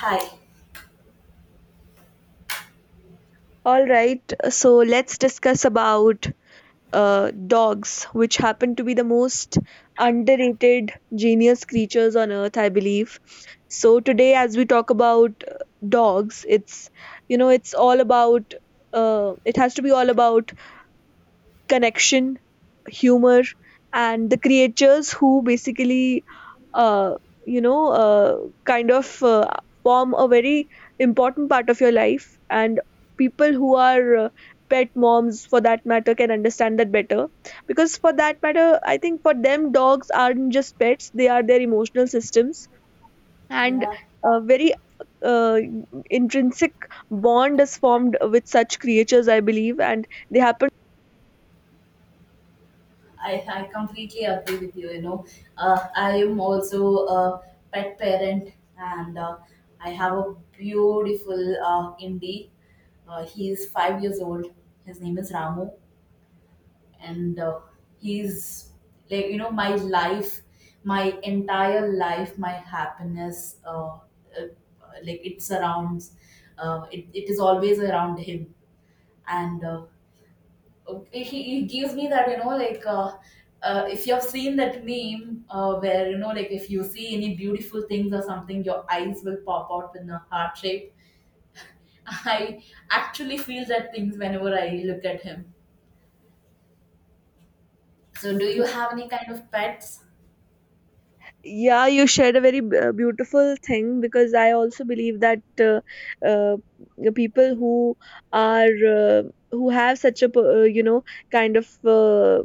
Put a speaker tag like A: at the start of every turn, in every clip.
A: Hi.
B: All right, so let's discuss about dogs, which happen to be the most underrated genius creatures on earth, I believe. So today, as we talk about dogs, it's, it's all about, it has to be all about connection, humor, and the creatures who basically, uh, you know uh, kind of uh, form a very important part of your life, and people who are pet moms for that matter can understand that better, because for that matter I think for them dogs aren't just pets, they are their emotional systems, and
A: Yeah,
B: a very uh, intrinsic bond is formed with such creatures, I believe, and they happen—
A: I, I completely agree with you. I am also a pet parent and I have a beautiful indie. He is 5 years old. His name is Ramu. And he's like, my life, my entire life, my happiness, uh, like it it is always around him and okay, he gives me that. If you have seen that meme where if you see any beautiful things or something, your eyes will pop out in a heart shape. I actually feel that things whenever I look at him. So do you have any kind of pets?
B: Yeah, you shared a very beautiful thing, because I also believe that uh, the people who are who have such a kind of uh,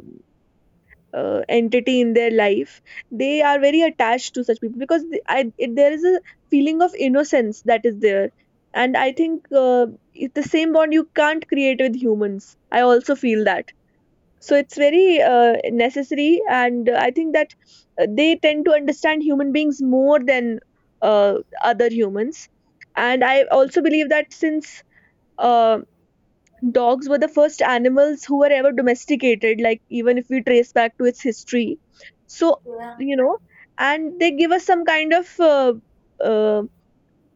B: entity in their life, they are very attached to such people, because there is a feeling of innocence that is there. And I think it's the same bond you can't create with humans. I also feel that. So it's very necessary, and I think that they tend to understand human beings more than uh, other humans. And I also believe that since uh, dogs were the first animals who were ever domesticated, like even if we trace back to its history. So,
A: Yeah.
B: you know, and they give us some kind of um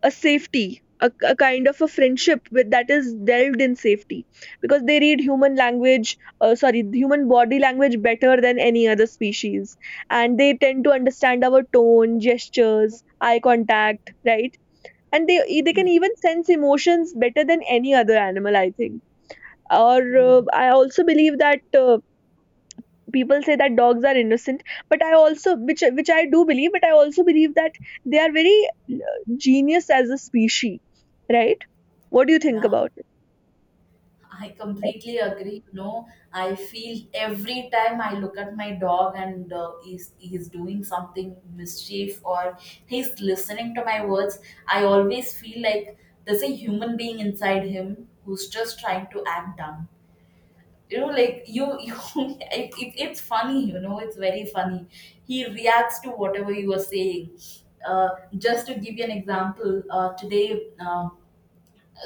B: a safety, a kind of a friendship with that is delved in safety, because they read human body language better than any other species, and they tend to understand our tone, gestures, eye contact, right? And they can
A: Yeah.
B: even sense emotions better than any other animal, I think. Or
A: Yes.
B: I also believe that people say that dogs are innocent, but I also— which I do believe, but I also believe that they are very genius as a species, right? What do you think
A: Yeah,
B: about it?
A: I completely agree. You know, I feel every time I look at my dog and he's doing something mischief or he's listening to my words, I always feel like there's a human being inside him who's just trying to act dumb. You know, like you it's funny, you know, it's very funny. He reacts to whatever you are saying. Uh, just to give you an example, today,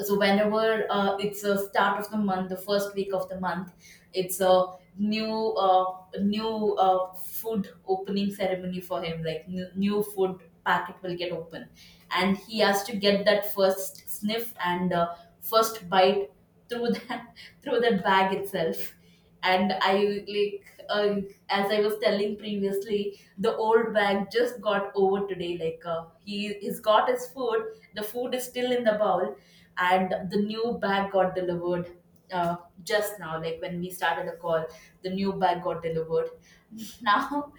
A: so whenever it's a start of the month, the first week of the month, it's a new new food opening ceremony for him. Like new, new food packet will get open, and he has to get that first sniff and first bite through that through that bag itself. And I like uh, as I was telling previously, the old bag just got over today. Like he he's got his food, the food is still in the bowl, and the new bag got delivered, uh, just now, like when we started the call, the new bag got delivered. Now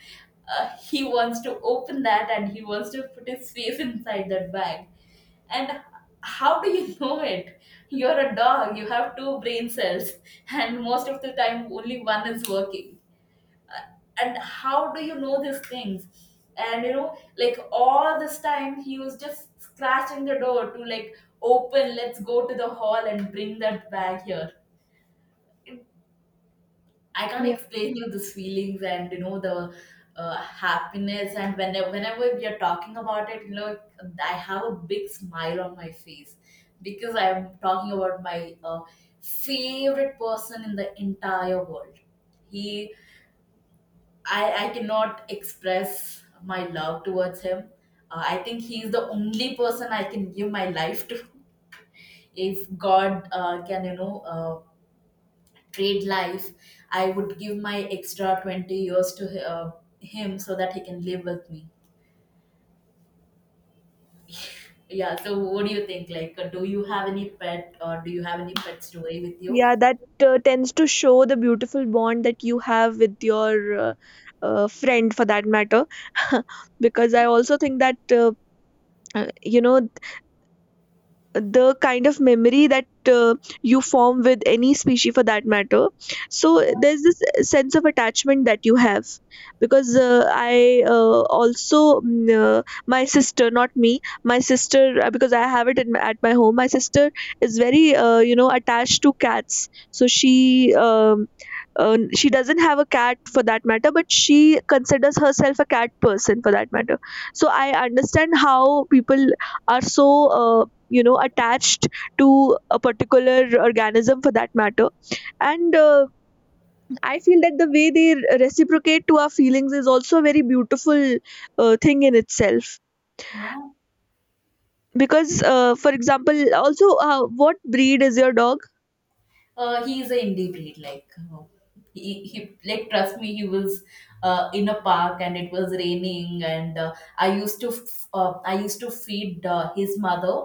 A: he wants to open that and he wants to put his face inside that bag. And how do you know it? You're a dog, you have two brain cells, and most of the time only one is working. Uh, And how do you know these things? And you know, like all this time he was just scratching the door to like open, let's go to the hall and bring that bag here. I can't
B: Yeah,
A: explain you these feelings, and you know the happiness. And whenever we are talking about it, you know, I have a big smile on my face because I am talking about my favorite person in the entire world. He, I cannot express my love towards him. I think he is the only person I can give my life to. If God can, you know. Trade life, I would give my extra 20 years to him so that he can live with me. Yeah, so what do you think? Like do you have any pet or do you have any pet story with you?
B: yeah, that tends to show the beautiful bond that you have with your friend, for that matter. Because I also think that uh, you know the kind of memory that you form with any species for that matter, so there's this sense of attachment that you have. Because I also— my sister, not me, my sister, because I have it in— at my home, my sister is very, attached to cats. So she— she doesn't have a cat for that matter, but she considers herself a cat person for that matter. So I understand how people are so, attached to a particular organism for that matter. And I feel that the way they reciprocate to our feelings is also a very beautiful thing in itself.
A: Yeah,
B: Because for example, also, what breed is your dog?
A: he is a indie breed. Like he like, trust me, he was in a park and it was raining and I used to I used to feed his mother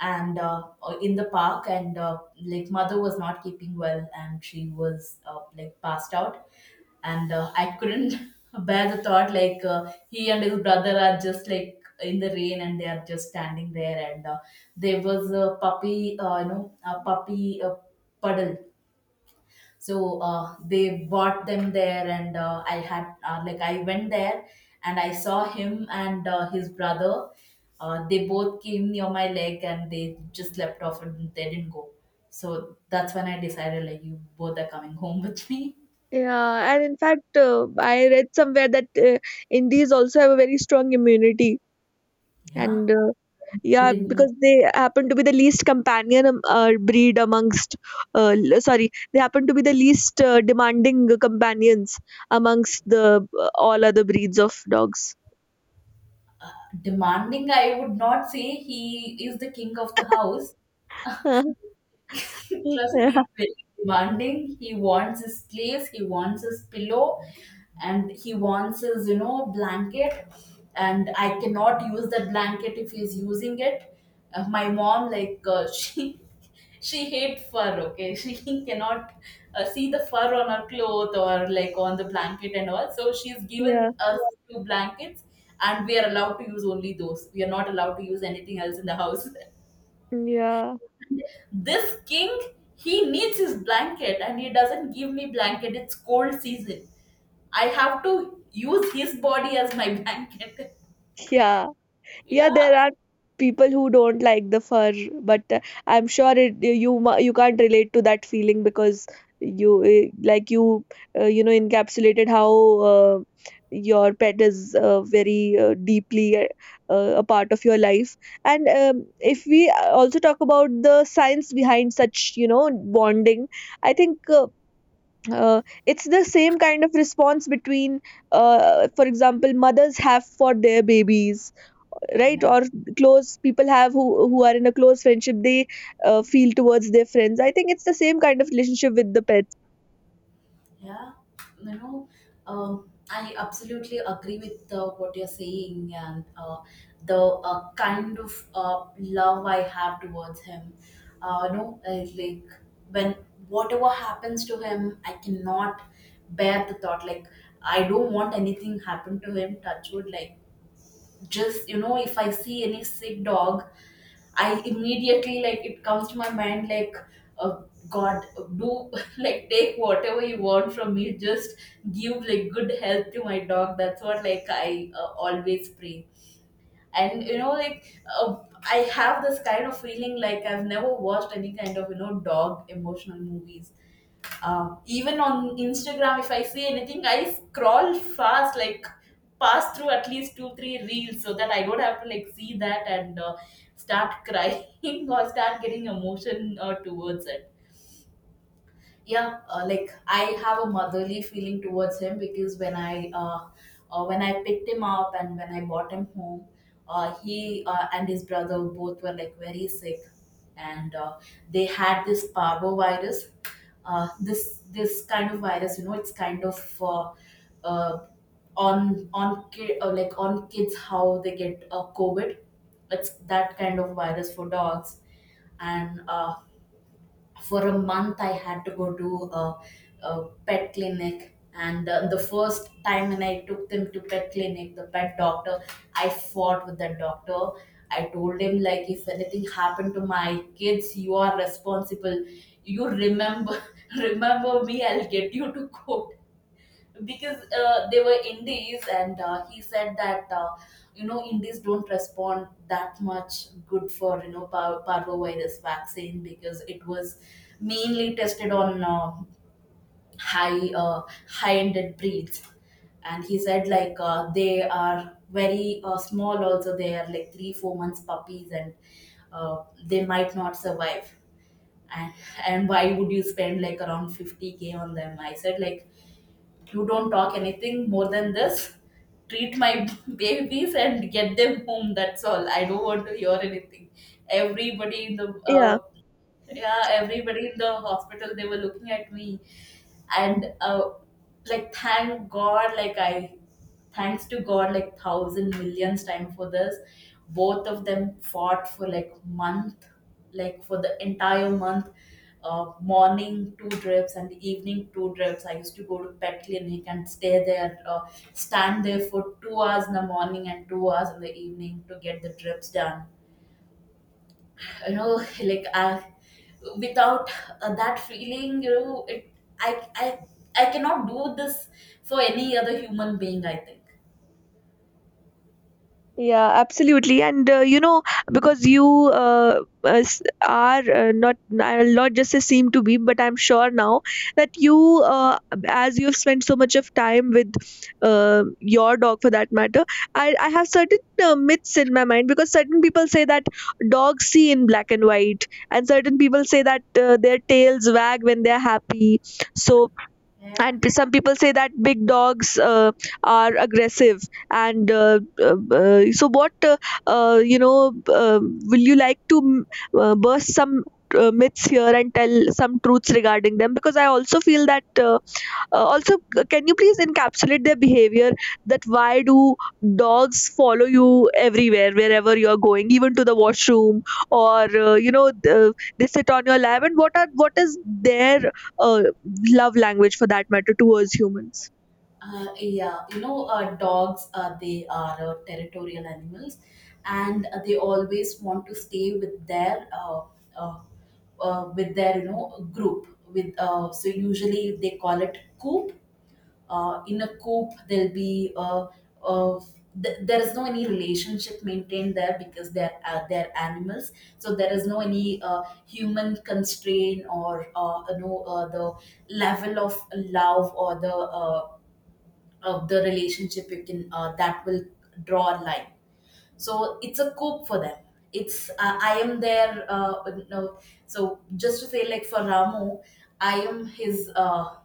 A: and in the park. And like, mother was not keeping well and she was like passed out. And I couldn't bear the thought. Like he and his brother are just like in the rain and they are just standing there. And there was a puppy you know, a puppy puddle. So they bought them there. And I had, like I went there and I saw him and his brother. They both came near my leg and they just leapt off and they didn't go. So that's when I decided, like, you both are coming home with me.
B: Yeah. And in fact, I read somewhere that indies also have a very strong immunity.
A: Yeah.
B: And
A: But
B: yeah, because they happen to be the least companion breed amongst l- sorry they happen to be the least demanding companions amongst the all other breeds of dogs.
A: demanding, I would not say. He is the king of the house. Trust me,
B: Yeah.
A: very demanding. He wants his place, he wants his pillow, and he wants his, you know, blanket. And I cannot use that blanket if he's using it. My mom, like, she hate fur, okay. She cannot see the fur on her cloth or like on the blanket and all. So she's given
B: Yeah.
A: us two blankets and we are allowed to use only those. We are not allowed to use anything else in the house. This king, he needs his blanket and he doesn't give me blanket. It's cold season. I have to use his body as my blanket.
B: Yeah. Yeah,
A: Yeah.
B: there are people who don't like the fur, but I'm sure you can't relate to that feeling, because you like encapsulated how uh, your pet is very deeply a part of your life. And if we also talk about the science behind such, bonding, I think. It's the same kind of response between for example, mothers have for their babies, right? Or close people have, who are in a close friendship, they feel towards their friends. I think it's the same kind of relationship with the pets.
A: Yeah, you know, I absolutely agree with what you're saying. And the kind of love I have towards him. Like when whatever happens to him, I cannot bear the thought. Like I don't want anything happen to him. Touch wood. Like just, you know, if I see any sick dog, I immediately, like, it comes to my mind, like, uh, God, do like take whatever you want from me. Just give like good health to my dog. That's what, like, I always pray. And you know, like I have this kind of feeling. Like I've never watched any kind of, you know, dog emotional movies. Even on Instagram, if I see anything, I scroll fast, like pass through at least two, three reels so that I don't have to like see that and start crying or start getting emotion towards it. Yeah, like I have a motherly feeling towards him. Because when I when I picked him up and when I brought him home, he and his brother both were like very sick. And they had this parvo virus. This kind of virus, you know, it's kind of uh, on kid like on kids how they get COVID, it's that kind of virus for dogs. And for a month I had to go to a pet clinic. And the first time when I took them to pet clinic, the pet doctor, I fought with that doctor. I told him, like, if anything happened to my kids, you are responsible. You remember, remember me, I'll get you to court. Because they were indies. And he said that you know, indies don't respond that much good for, you know, parvovirus vaccine, because it was mainly tested on high uh, high ended breeds. And he said, like they are very small also, they are like 3 4 months puppies, and they might not survive. And, and why would you spend like around 50k on them? I said, like, you don't talk anything more than this. Treat my babies and get them home. That's all. I don't want to hear anything. Everybody in the
B: Yeah.
A: uh, yeah, everybody in the hospital, they were looking at me. And like, thank god. Like I thanks to god, like thousand millions time for this. Both of them fought for like month, like for the entire month. Morning two drips and evening two drips. I used to go to pet clinic and stay there, stand there for 2 hours in the morning and 2 hours in the evening to get the drips done. You know, like without that feeling, you know, it I i I cannot do this for any other human being, I think.
B: Yeah, absolutely. And because you are not— I'll not just say seem to be, but I'm sure now that you, as you've spent so much of time with your dog for that matter, I have certain myths in my mind, because certain people say that dogs see in black and white, and certain people say that their tails wag when they're happy. So,
A: Yeah,
B: and some people say that big dogs are aggressive. And so, what, uh, you know uh, will you like to burst some myths here and tell some truths regarding them? Because I also feel that, also, can you please encapsulate their behavior? That why do dogs follow you everywhere, wherever you're going, even to the washroom, or they sit on your lap? And what is their uh, love language for that matter towards humans?
A: yeah you know, dogs, they are territorial animals. And they always want to stay with their uh, with their, you know, group with so usually they call it coop. In a coop, there'll be a th- there is no any relationship maintained there because they're animals. So there is no any human constraint or the level of love or the of the relationship you can that will draw a line. So it's a cope for them. It's I am there, no. So just to say, like, for Ramu, I am his uh,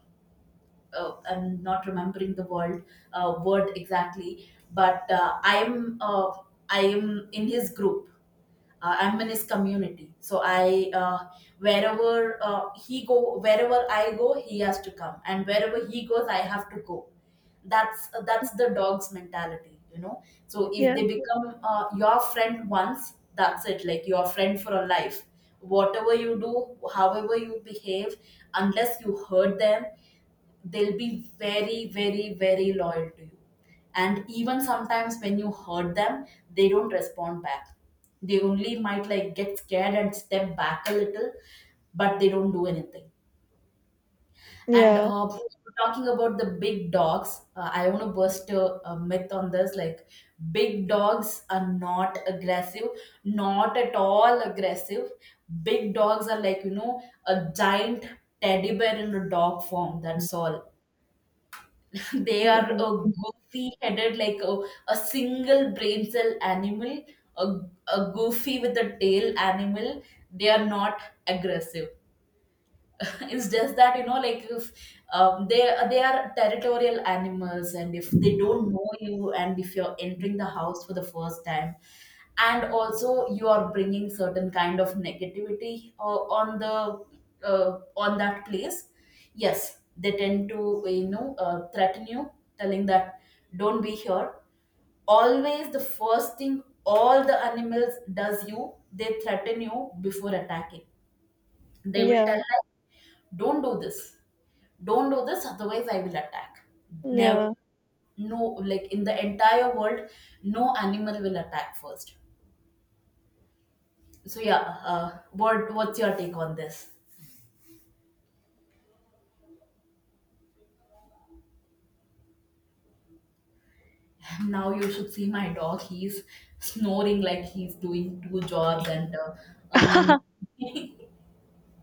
A: uh, I'm not remembering the word word exactly, but I am in his group. I'm in his community. So I wherever he go, wherever I go, he has to come, and wherever he goes, I have to go. That's the dog's mentality, you know. So if
B: Yeah.
A: they become your friend once, that's it. Like your friend for a life. Whatever you do, however you behave, unless you hurt them, they'll be very, very, very loyal to you. And even sometimes when you hurt them, they don't respond back. They only might like get scared and step back a little, but they don't do anything. And
B: Yeah.
A: Talking about the big dogs, I want to burst a myth on this. Like, big dogs are not aggressive. Not at all aggressive. Big dogs are, like, you know, a giant teddy bear in a dog form, that's all. They are
B: Yeah.
A: a goofy headed, like a single brain cell animal, a, a goofy with a tail animal. They are not aggressive. It's just that, you know, like, if they are territorial animals, and if they don't know you, and if you're entering the house for the first time, and also you are bringing certain kind of negativity, on that place, yes, they tend to, you know, threaten you, telling that, don't be here. Always the first thing all the animals does, you, they threaten you before attacking. They will
B: Yeah.
A: tell, like, don't do this. Don't do this, otherwise I will attack. Never.
B: Yeah.
A: No. Like, in the entire world, no animal will attack first. So yeah, what's your take on this? Now you should see my dog. He's snoring like he's doing two jobs and earning.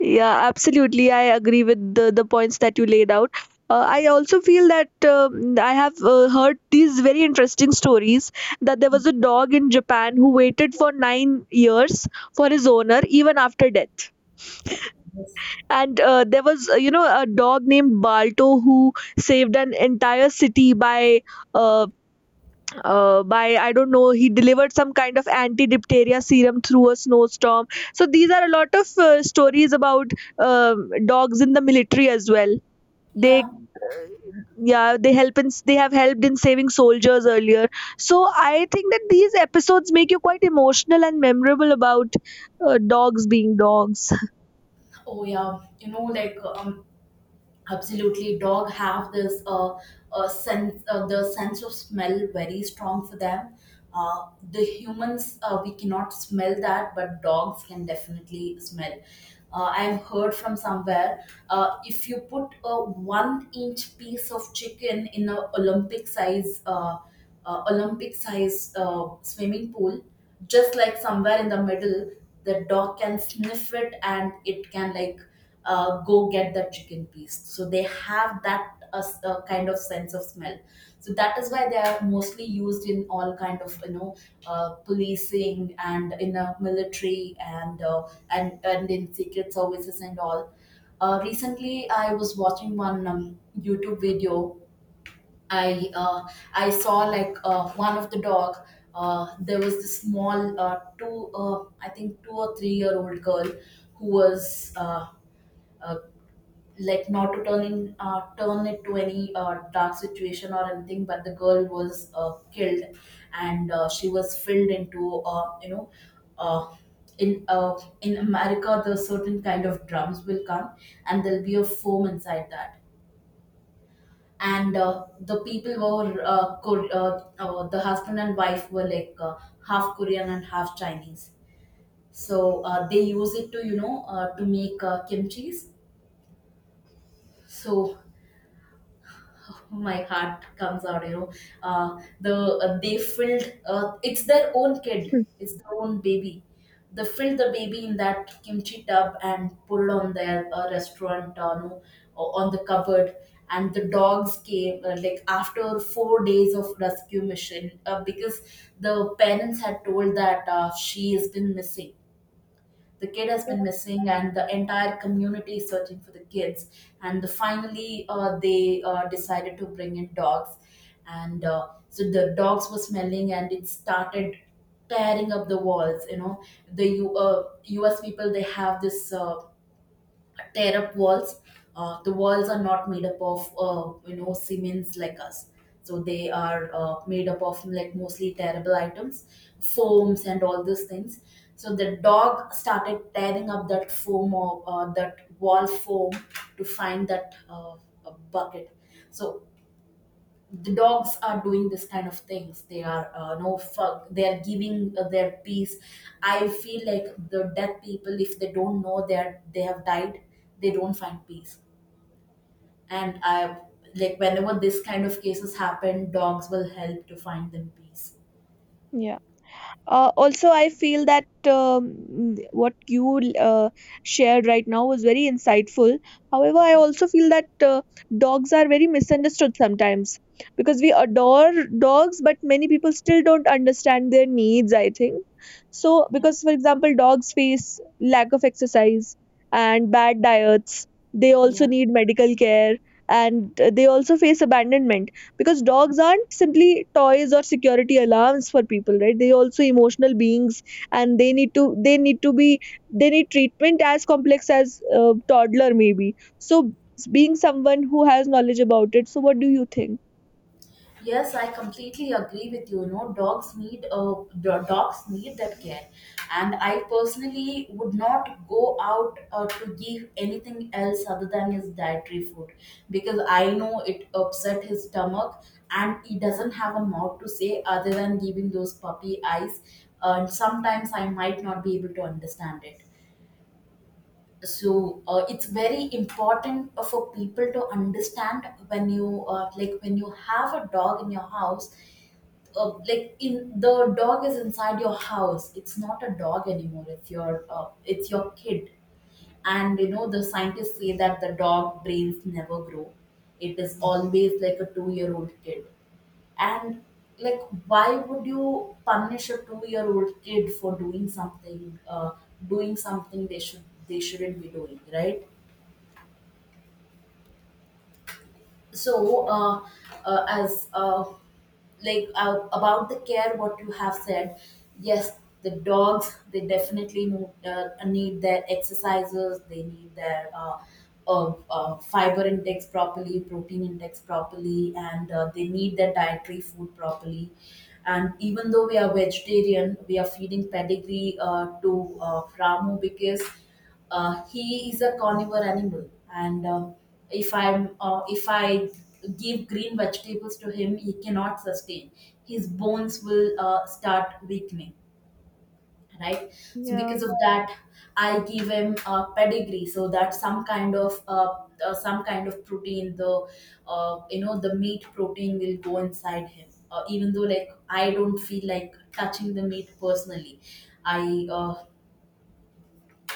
B: Yeah, absolutely. I agree with the points that you laid out. I also feel that I have heard these very interesting stories that there was a dog in Japan who waited for 9 years for his owner even after death. And there was, a dog named Balto who saved an entire city by— uh, by, I don't know, he delivered some kind of anti-diphtheria serum through a snowstorm. So these are a lot of stories about dogs in the military as well. They—
A: Yeah.
B: yeah, they have helped in saving soldiers earlier. So I think that these episodes make you quite emotional and memorable about dogs being dogs.
A: Oh yeah, you know, like, absolutely, dog have this sense the sense of smell very strong for them. The humans, we cannot smell that, but dogs can definitely smell. I've heard from somewhere, if you put a one inch piece of chicken in a olympic size swimming pool, just like somewhere in the middle, the dog can sniff it and it can like go get that chicken piece. So they have that kind of sense of smell. So that is why they are mostly used in all kind of, you know, policing and in a military and and in secret services and all. Recently, I was watching one YouTube video. I uh, I saw, like, one of the dog. There was this small two I think two or three-year-old girl who was like, not to turn in, turn it to any dark situation or anything, but the girl was killed, and she was filled into, you know, uh, in uh, in America, the certain kind of drums will come and there'll be a foam inside that. And the people were, the husband and wife were like, half Korean and half Chinese. So they use it to, you know, to make kimchi's. So my heart comes out, you know. uh, the they filled it's their own kid, it's their own baby. They filled the baby in that kimchi tub and pulled on their restaurant, no, on the cupboard. And the dogs came, like after 4 days of rescue mission, because the parents had told that she has been missing, the kid has been missing, and the entire community is searching for the kids. And finally they decided to bring in dogs. And so the dogs were smelling and it started tearing up the walls, you know. The US people, they have this tear up walls. The walls are not made up of, you know, cements like us, so they are made up of like mostly terrible items, foams and all these things. So the dog started tearing up that foam, or that wall foam, to find that bucket. So the dogs are doing this kind of things. They are, no fuck, they are giving their peace. I feel like the dead people, if they don't know they are, they have died, they don't find peace. And i like, whenever this kind of cases happen, dogs will help to find them peace.
B: Yeah. Also, I feel that what you shared right now was very insightful. However, I also feel that dogs are very misunderstood sometimes, because we adore dogs, but many people still don't understand their needs, I think. So,
A: Yeah.
B: because for example, dogs face lack of exercise and bad diets. They also
A: Yeah.
B: need medical care, and they also face abandonment, because dogs aren't simply toys or security alarms for people, right? They also emotional beings, and they need treatment as complex as toddler maybe. So, being someone who has knowledge about it, so what do you think?
A: Yes, I completely agree with you. You know, dogs need, dogs need that care, and I personally would not go out to give anything else other than his dietary food, because I know it upset his stomach, and he doesn't have a mouth to say other than giving those puppy eyes. And sometimes I might not be able to understand it. So it's very important for people to understand when you, when you have a dog in your house, like in the dog is inside your house, it's not a dog anymore, it's your kid. And you know, the scientists say that the dog brains never grow. It is always like a 2-year-old kid. And, like, why would you punish a 2-year-old kid for doing something, uh, doing something they should, they shouldn't be doing, right? So, as like about the care what you have said, yes, the dogs, they definitely need, need their exercises. They need their fiber intakes properly, protein intakes properly, and they need their dietary food properly. And even though we are vegetarian, we are feeding pedigree to Ramu, because he is a carnivore animal. And if I give green vegetables to him, he cannot sustain. His bones will start weakening, right? So because
B: Yeah.
A: of that, I give him a pedigree, so that some kind of, some kind of protein, the you know, the meat protein will go inside him. Even though, like, I don't feel like touching the meat personally, I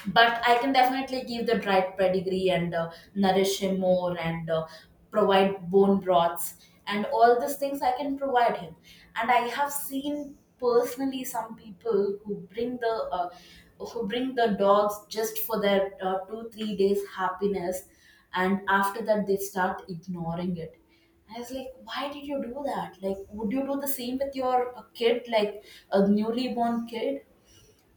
A: but I can definitely give the dried pedigree and nourish him more, and provide bone broths and all these things I can provide him. And I have seen personally some people who bring the, who bring the dogs just for their two three days happiness, and after that they start ignoring it. I was like, why did you do that? Like, would you do the same with your kid, like a newly born kid?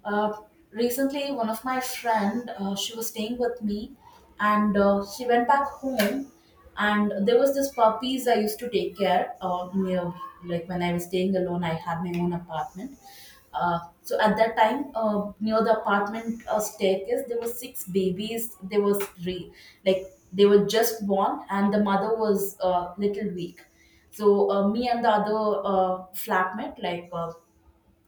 A: Uh, Recently, one of my friend, she was staying with me, and she went back home, and there was this puppies I used to take care of. Near, like when I was staying alone, I had my own apartment. So at that time, near the apartment staircase, there were six babies. There was three, like, they were just born, and the mother was a little weak. So me and the other flatmate,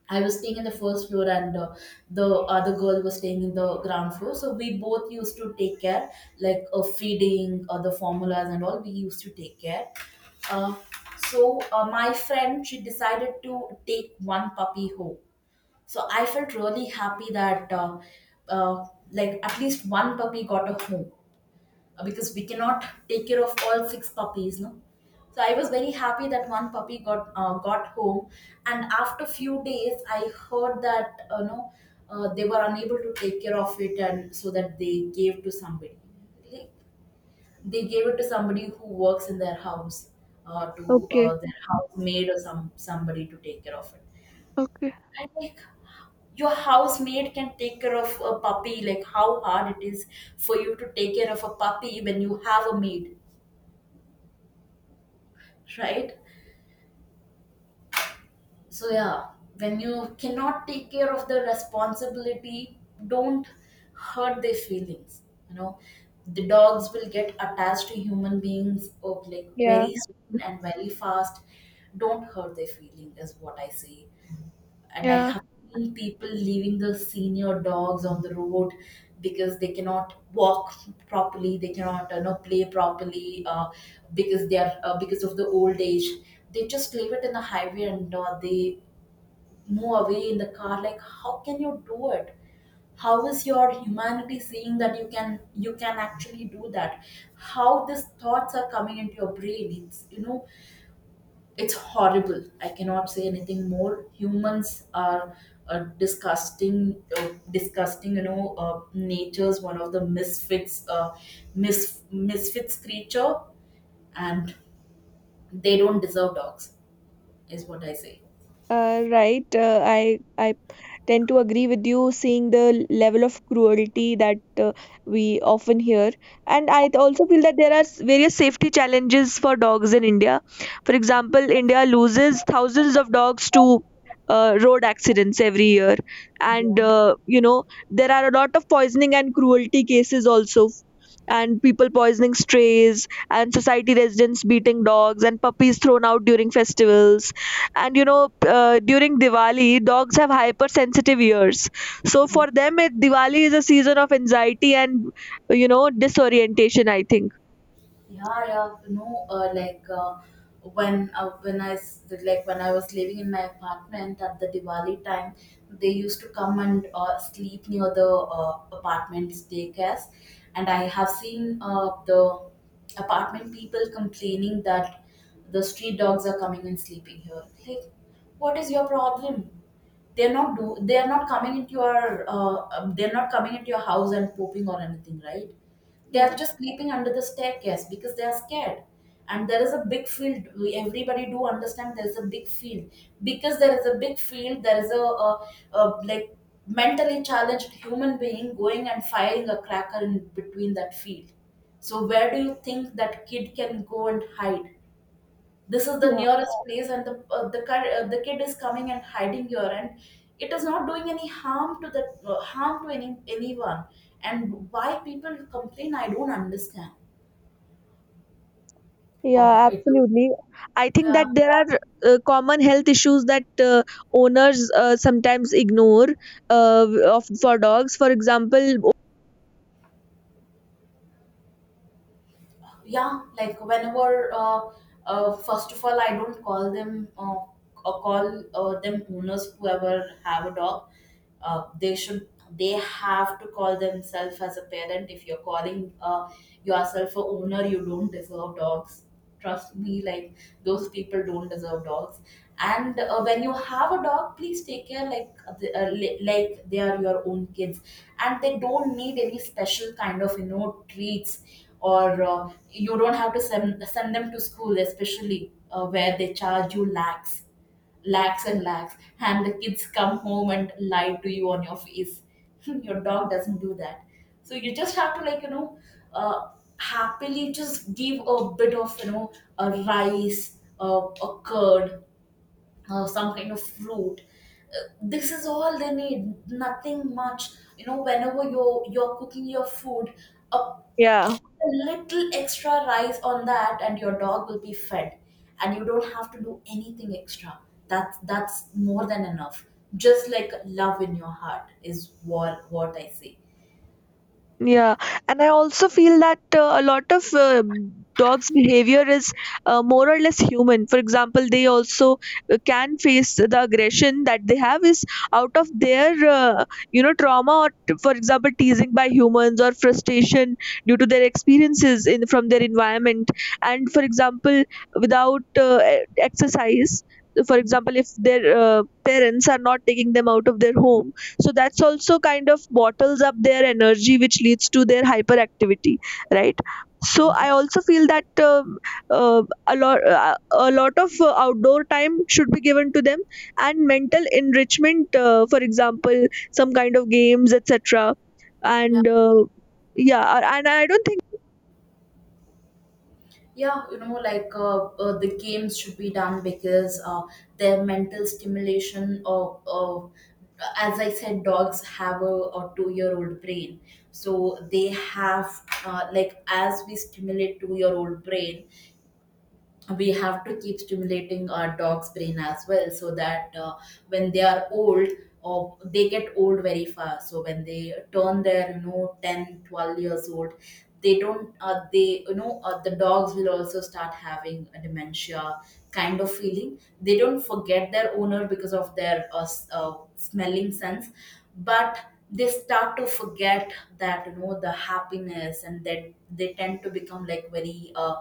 A: I was staying in the first floor, and the other girl was staying in the ground floor. So we both used to take care, feeding the formulas, and all. We used to take care. Uh, my friend, she decided to take one puppy home. So I felt really happy that, uh, like, at least one puppy got a home, because we cannot take care of all six puppies, no. So I was very happy that one puppy got, got home. And after few days, I heard that, you know, they were unable to take care of it, and so that they gave to somebody. Like, they gave it to somebody who works in their house, to
B: Okay.
A: their housemaid or some somebody to take care of it.
B: Okay.
A: And, like, your housemaid can take care of a puppy. Like, how hard it is for you to take care of a puppy when you have a maid, right? So, yeah, when you cannot take care of the responsibility, don't hurt their feelings. You know, the dogs will get attached to human beings or, like,
B: Yeah.
A: very soon and very fast. Don't hurt their feeling is what I say. And I
B: Yeah.
A: have seen people leaving the senior dogs on the road because they cannot walk properly, they cannot, you know, play properly, because they are, because of the old age. They just leave it in the highway and they move away in the car. Like, how can you do it? How is your humanity seeing that you can, you can actually do that? How these thoughts are coming into your brain? It's, you know, it's horrible. I cannot say anything more. Humans are a disgusting, disgusting, you know, nature's one of the misfits, misfits creature, and they don't deserve dogs. Is what I say.
B: Right. I tend to agree with you, seeing the level of cruelty that we often hear. And I also feel that there are various safety challenges for dogs in India. For example, India loses thousands of dogs to road accidents every year. And, there are a lot of poisoning and cruelty cases also. And people poisoning strays, and society residents beating dogs, and puppies thrown out during festivals. And during Diwali, dogs have hypersensitive ears, so for them, Diwali is a season of anxiety and, disorientation, I think.
A: Yeah. No, when I s- like when I was living in my apartment at the Diwali time, they used to come and sleep near the apartment staircase, and I have seen the apartment people complaining that the street dogs are coming and sleeping here. Like, what is your problem? They're not coming into your, they're not coming into your house and pooping or anything, right? They are
B: Yeah,
A: just sleeping under the staircase because they are scared. And there is a big field. Everybody do understand there is a big field because there is a big field. There is a like mentally challenged human being going and firing a cracker in between that field. So where do you think that kid can go and hide? This is the
B: yeah,
A: nearest place and the kid is coming and hiding here, and it is not doing any harm to the harm to anyone. And why people complain I don't understand. Oh,
B: yeah,
A: it is.
B: absolutely. I think that
A: Yeah,
B: there are common health issues that owners sometimes ignore, uh, of for dogs, for example.
A: yeah, like whenever first of all, I don't call them owners whoever have a dog. They should, they have to call themselves as a parent. If you're calling yourself a owner, you don't deserve dogs, trust me, like those people don't deserve dogs. And when you have a dog, please take care like like they are your own kids, and they don't need any special kind of, you know, treats or you don't have to send them to school, especially where they charge you lakhs, lakhs and lakhs, and the kids come home and lie to you on your face. Your dog doesn't do that. So you just have to, like, you know, uh, happily just give a bit of, you know, a rice, a curd, some kind of fruit. This is all they need. Nothing much. You know, whenever you're cooking your food, a
B: Yeah.
A: a little extra rice on that and your dog will be fed, and you don't have to do anything extra. That's more than enough. Just like love in your heart is what I say.
B: Yeah, and I also feel that a lot of dogs' behavior is more or less human. For example, they also— can face— the aggression that they have is out of their trauma. Or for example, teasing by humans, or frustration due to their experiences in— from their environment. And for example, without exercise, for example, if their parents are not taking them out of their home, so that's also kind of bottles up their energy, which leads to their hyperactivity, right? So
A: Yeah.
B: I also feel that a lot of outdoor time should be given to them, and mental enrichment, for example, some kind of games, etc.
A: Yeah,
B: And yeah. And I don't think—
A: yeah, you know, like, the games should be done because their mental stimulation of, as I said, dogs have a 2 year old brain, so they have, like, as we stimulate 2 year old brain, we have to keep stimulating our dog's brain as well, so that when they are old, or they get old very fast, so when they turn, their, you know, 10, 12 years old, they don't they you know, the dogs will also start having a dementia kind of feeling. They don't forget their owner because of their smelling sense, but they start to forget that, you know, the happiness, and that they tend to become like very uh,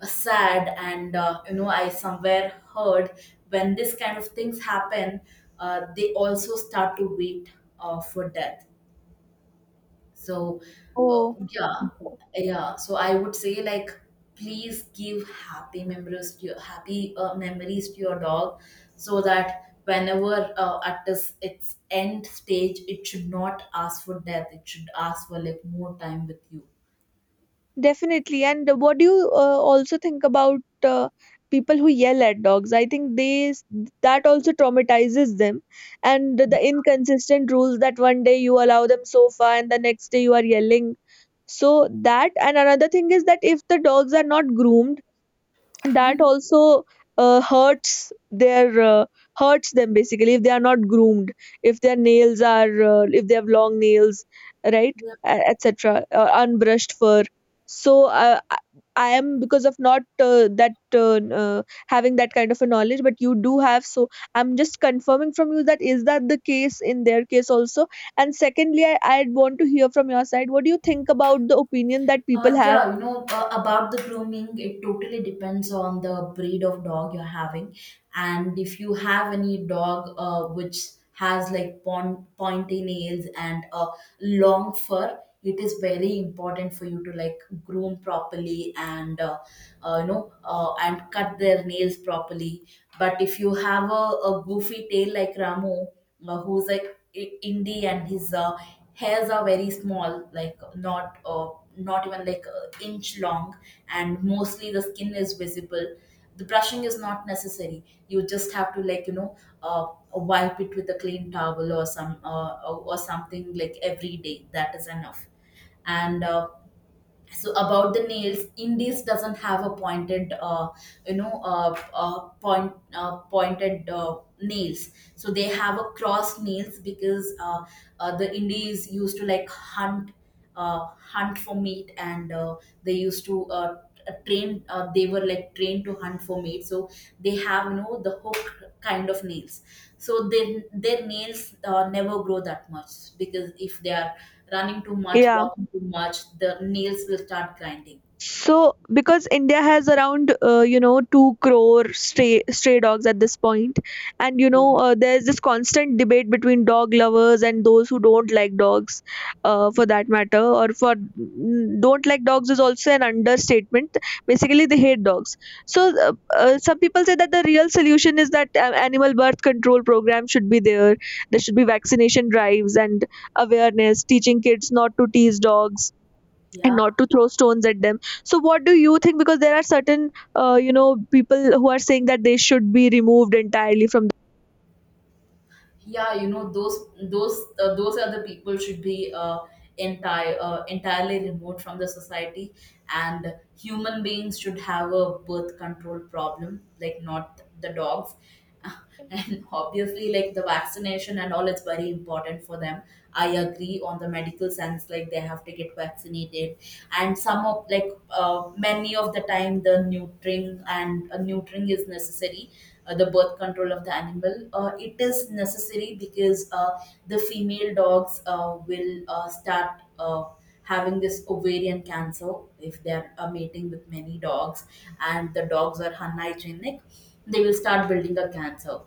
A: uh, sad and, you know, I somewhere heard, when this kind of things happen, they also start to wait, for death. So, uh,
B: Oh.
A: yeah. Yeah, so I would say, like, please give happy memories to your happy memories to your dog, so that whenever, at this its end stage, it should not ask for death, it should ask for like more time with you.
B: Definitely. And what do you also think about people who yell at dogs? I think that also traumatizes them, and the inconsistent rules that one day you allow them sofa, and the next day you are yelling. So that— and another thing is that if the dogs are not groomed, that also uh, hurts their uh, hurts them basically if they are not groomed, if their nails are if they have long nails, right, etc., unbrushed fur. So, I— I am, because of not— that— having that kind of a knowledge, but you do have. So I'm just confirming from you, that is that the case in their case also. And secondly, I want to hear from your side, what do you think about the opinion that people
A: Yeah, you know, about the grooming, it totally depends on the breed of dog you're having. And if you have any dog which has like pointy nails and a long fur, it is very important for you to like groom properly and you know, and cut their nails properly. But if you have a goofy tail like Ramu, who's like indie, and his hairs are very small, like not not even like an inch long, and mostly the skin is visible. The brushing is not necessary, you just have to, like, you know, uh, wipe it with a clean towel or some or something, like every day, that is enough. And, so about the nails, indies doesn't have a pointed you know point pointed, nails, so they have a crossed nails because the indies used to like hunt, hunt for meat, and they used to t- train they were like trained to hunt for meat, so they have, you know, the hook kind of nails. So their nails never grow that much, because if they are running too much,
B: have—
A: walking too much, the nails will start grinding.
B: So, because India has around, 2 crore stray dogs at this point. And
A: Yeah,
B: there's this constant debate between dog lovers and those who don't like dogs, for that matter. Or for— don't like dogs is also an understatement. Basically, they hate dogs. So, some people say that the real solution is that animal birth control program should be there. There should be vaccination drives and awareness, teaching kids not to tease dogs and
A: yeah,
B: not to throw stones at them. So what do you think, because there are certain, uh, you know people who are saying that they should be removed entirely from the—
A: yeah, you know, those those other people should be entirely removed from the society, and human beings should have a birth control problem, like not the dogs. And obviously, like the vaccination and all, it's very important for them. I agree on the medical sense, like they have to get vaccinated, and some of like, many of the time the neutering and, neutering is necessary, the birth control of the animal, it is necessary because the female dogs will start having this ovarian cancer if they are mating with many dogs and the dogs are unhygienic, they will start building a cancer.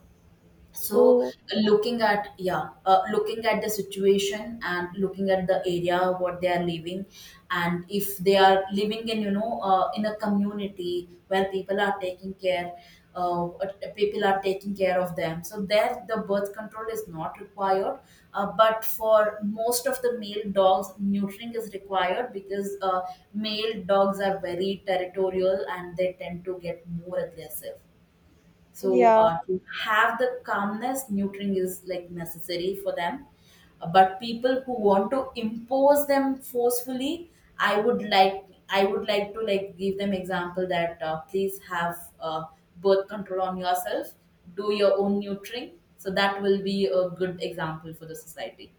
A: So,
B: Oh,
A: looking at the situation and looking at the area what they are living, and if they are living in, you know, in a community where people are taking care, uh, people are taking care of them, so there the birth control is not required. But for most of the male dogs neutering is required because male dogs are very territorial and they tend to get more aggressive. So
B: yeah.
A: to have the calmness, neutering is like necessary for them. But people who want to impose them forcefully, I would like to like give them example that please have birth control on yourself, do your own neutering. So that will be a good example for the society.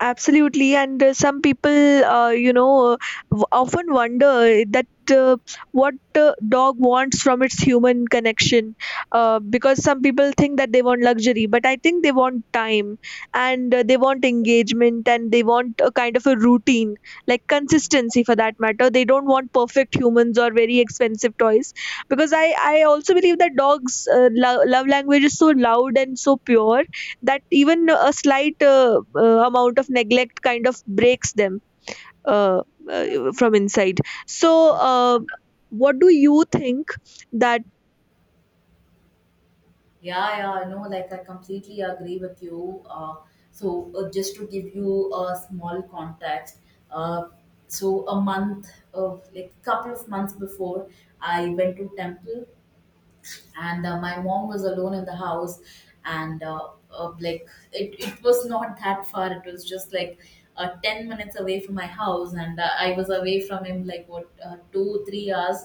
B: Absolutely, and some people, often wonder that what dog wants from its human connection, because some people think that they want luxury, but I think they want time, and they want engagement, and they want a kind of a routine, like consistency for that matter. They don't want perfect humans or very expensive toys, because I also believe that dogs' love language is so loud and so pure, that even a slight amount of neglect kind of breaks them uh, from inside. So,
A: Yeah.
B: uh, what do you think that—
A: Yeah, yeah, I know, like, I completely agree with you. Just to give you a small context, uh, so a month of like couple of months before, I went to temple, and my mom was alone in the house, and like it was not that far, it was just like 10 minutes away from my house, and I was away from him like what, 2 3 hours,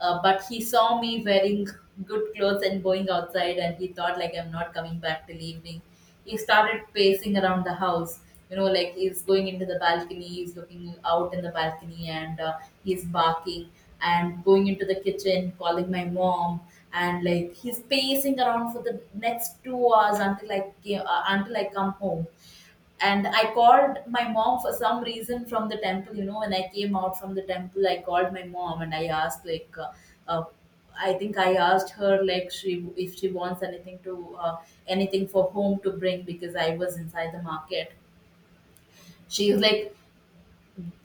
A: but he saw me wearing good clothes and going outside, and he thought like I'm not coming back till evening. He started pacing around the house. You know, like he's going into the balcony, he's looking out in the balcony, and he's barking and going into the kitchen, calling my mom, and like he's pacing around for the next 2 hours until until I come home. And I called my mom for some reason from the temple. You know, when I came out from the temple, I called my mom, and I asked like, uh, I think I asked her like she if she wants anything to anything for home to bring, because I was inside the market. She's like,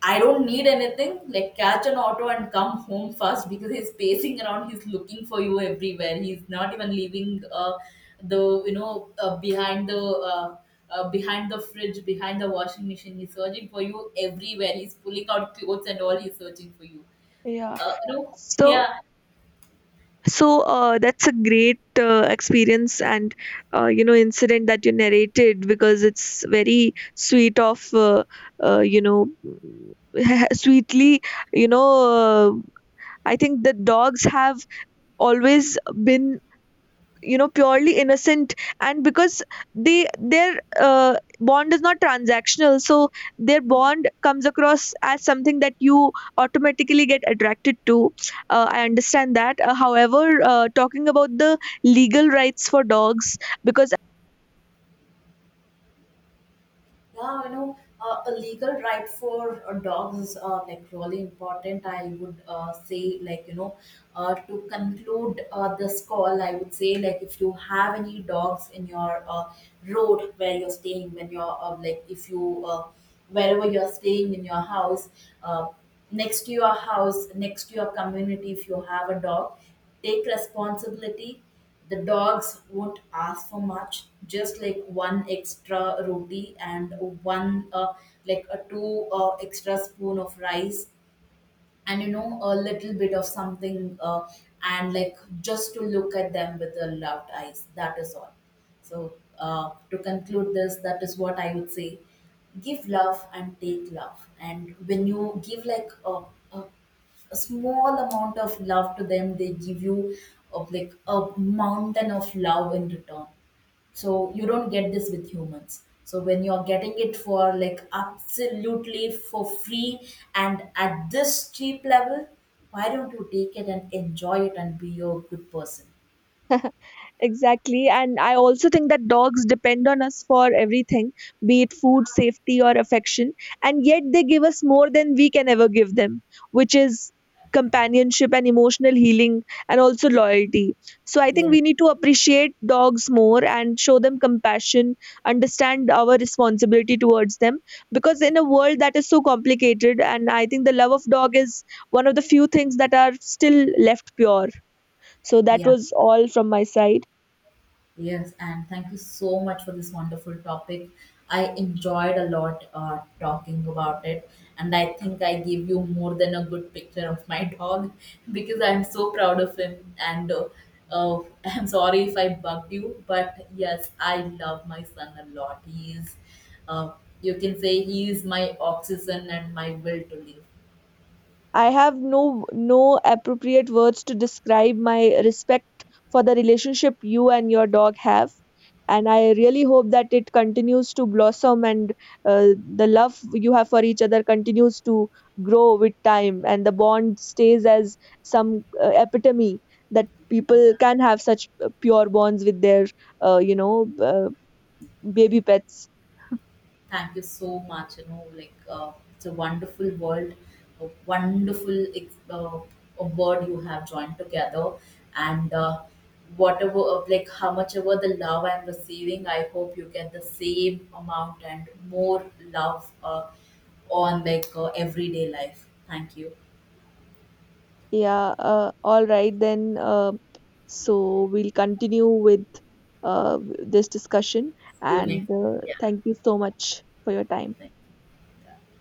A: I don't need anything. Like, catch an auto and come home fast, because he's pacing around. He's looking for you everywhere. He's not even leaving the you know behind the fridge, behind the washing machine. He's searching for you everywhere. He's pulling out clothes and all. He's searching for you.
B: Yeah.
A: You.
B: so
A: Yeah.
B: so that's a great experience and, incident that you narrated, because it's very sweet of— uh, you know sweetly, you know— uh, I think the dogs have always been, purely innocent. And because they their bond is not transactional, so their bond comes across as something that you automatically get attracted to. I understand that. However, talking about the legal rights for dogs, because—
A: Yeah, you know, a legal right for dogs is, like, really important. I would, say, like, you know, to conclude this call, I would say, like, if you have any dogs in your, road where you're staying, when you're, like, if you, wherever you're staying in your house, uh, next to your house, next to your community, if you have a dog, take responsibility. The dogs won't ask for much, just like one extra roti and one, like, a two extra spoon of rice, and you know a little bit of something, and like just to look at them with the loved eyes, that is all. So to conclude this, that is what I would say. Give love and take love, and when you give like a, a small amount of love to them, they give you of like a mountain of love in return. So you don't get this with humans. So when you're getting it for like absolutely for free and at this cheap level, why don't you take it and enjoy it and be a good person?
B: Exactly. And I also think that dogs depend on us for everything, be it food, safety, or affection. And yet they give us more than we can ever give them, which is companionship and emotional healing and also loyalty. So I think
A: Yeah.
B: we need to appreciate dogs more and show them compassion, understand our responsibility towards them. Because in a world that is so complicated, and I think the love of dog is one of the few things that are still left pure. So that
A: Yeah.
B: was all from my side.
A: Yes, and thank you so much for this wonderful topic. I enjoyed a lot talking about it, and I think I gave you more than a good picture of my dog because I'm so proud of him. And I'm sorry if I bugged you, but yes, I love my son a lot. He is, uh, you can say, he is my oxygen and my will to live.
B: I have no appropriate words to describe my respect for the relationship you and your dog have, and I really hope that it continues to blossom, and uh, the love you have for each other continues to grow with time, and the bond stays as some epitome, that people
A: Yeah.
B: can have such pure bonds with their uh, you know uh, baby pets.
A: Thank you so much. You know, like, it's a wonderful world, a a word you have joined together, and whatever like how much ever the love I'm receiving, I hope you get the same amount and more love on like everyday life. Thank you.
B: Yeah, all right then. So we'll continue with uh, this discussion,
A: See you
B: and
A: next. Yeah.
B: thank you so much for your time.
A: Thank you.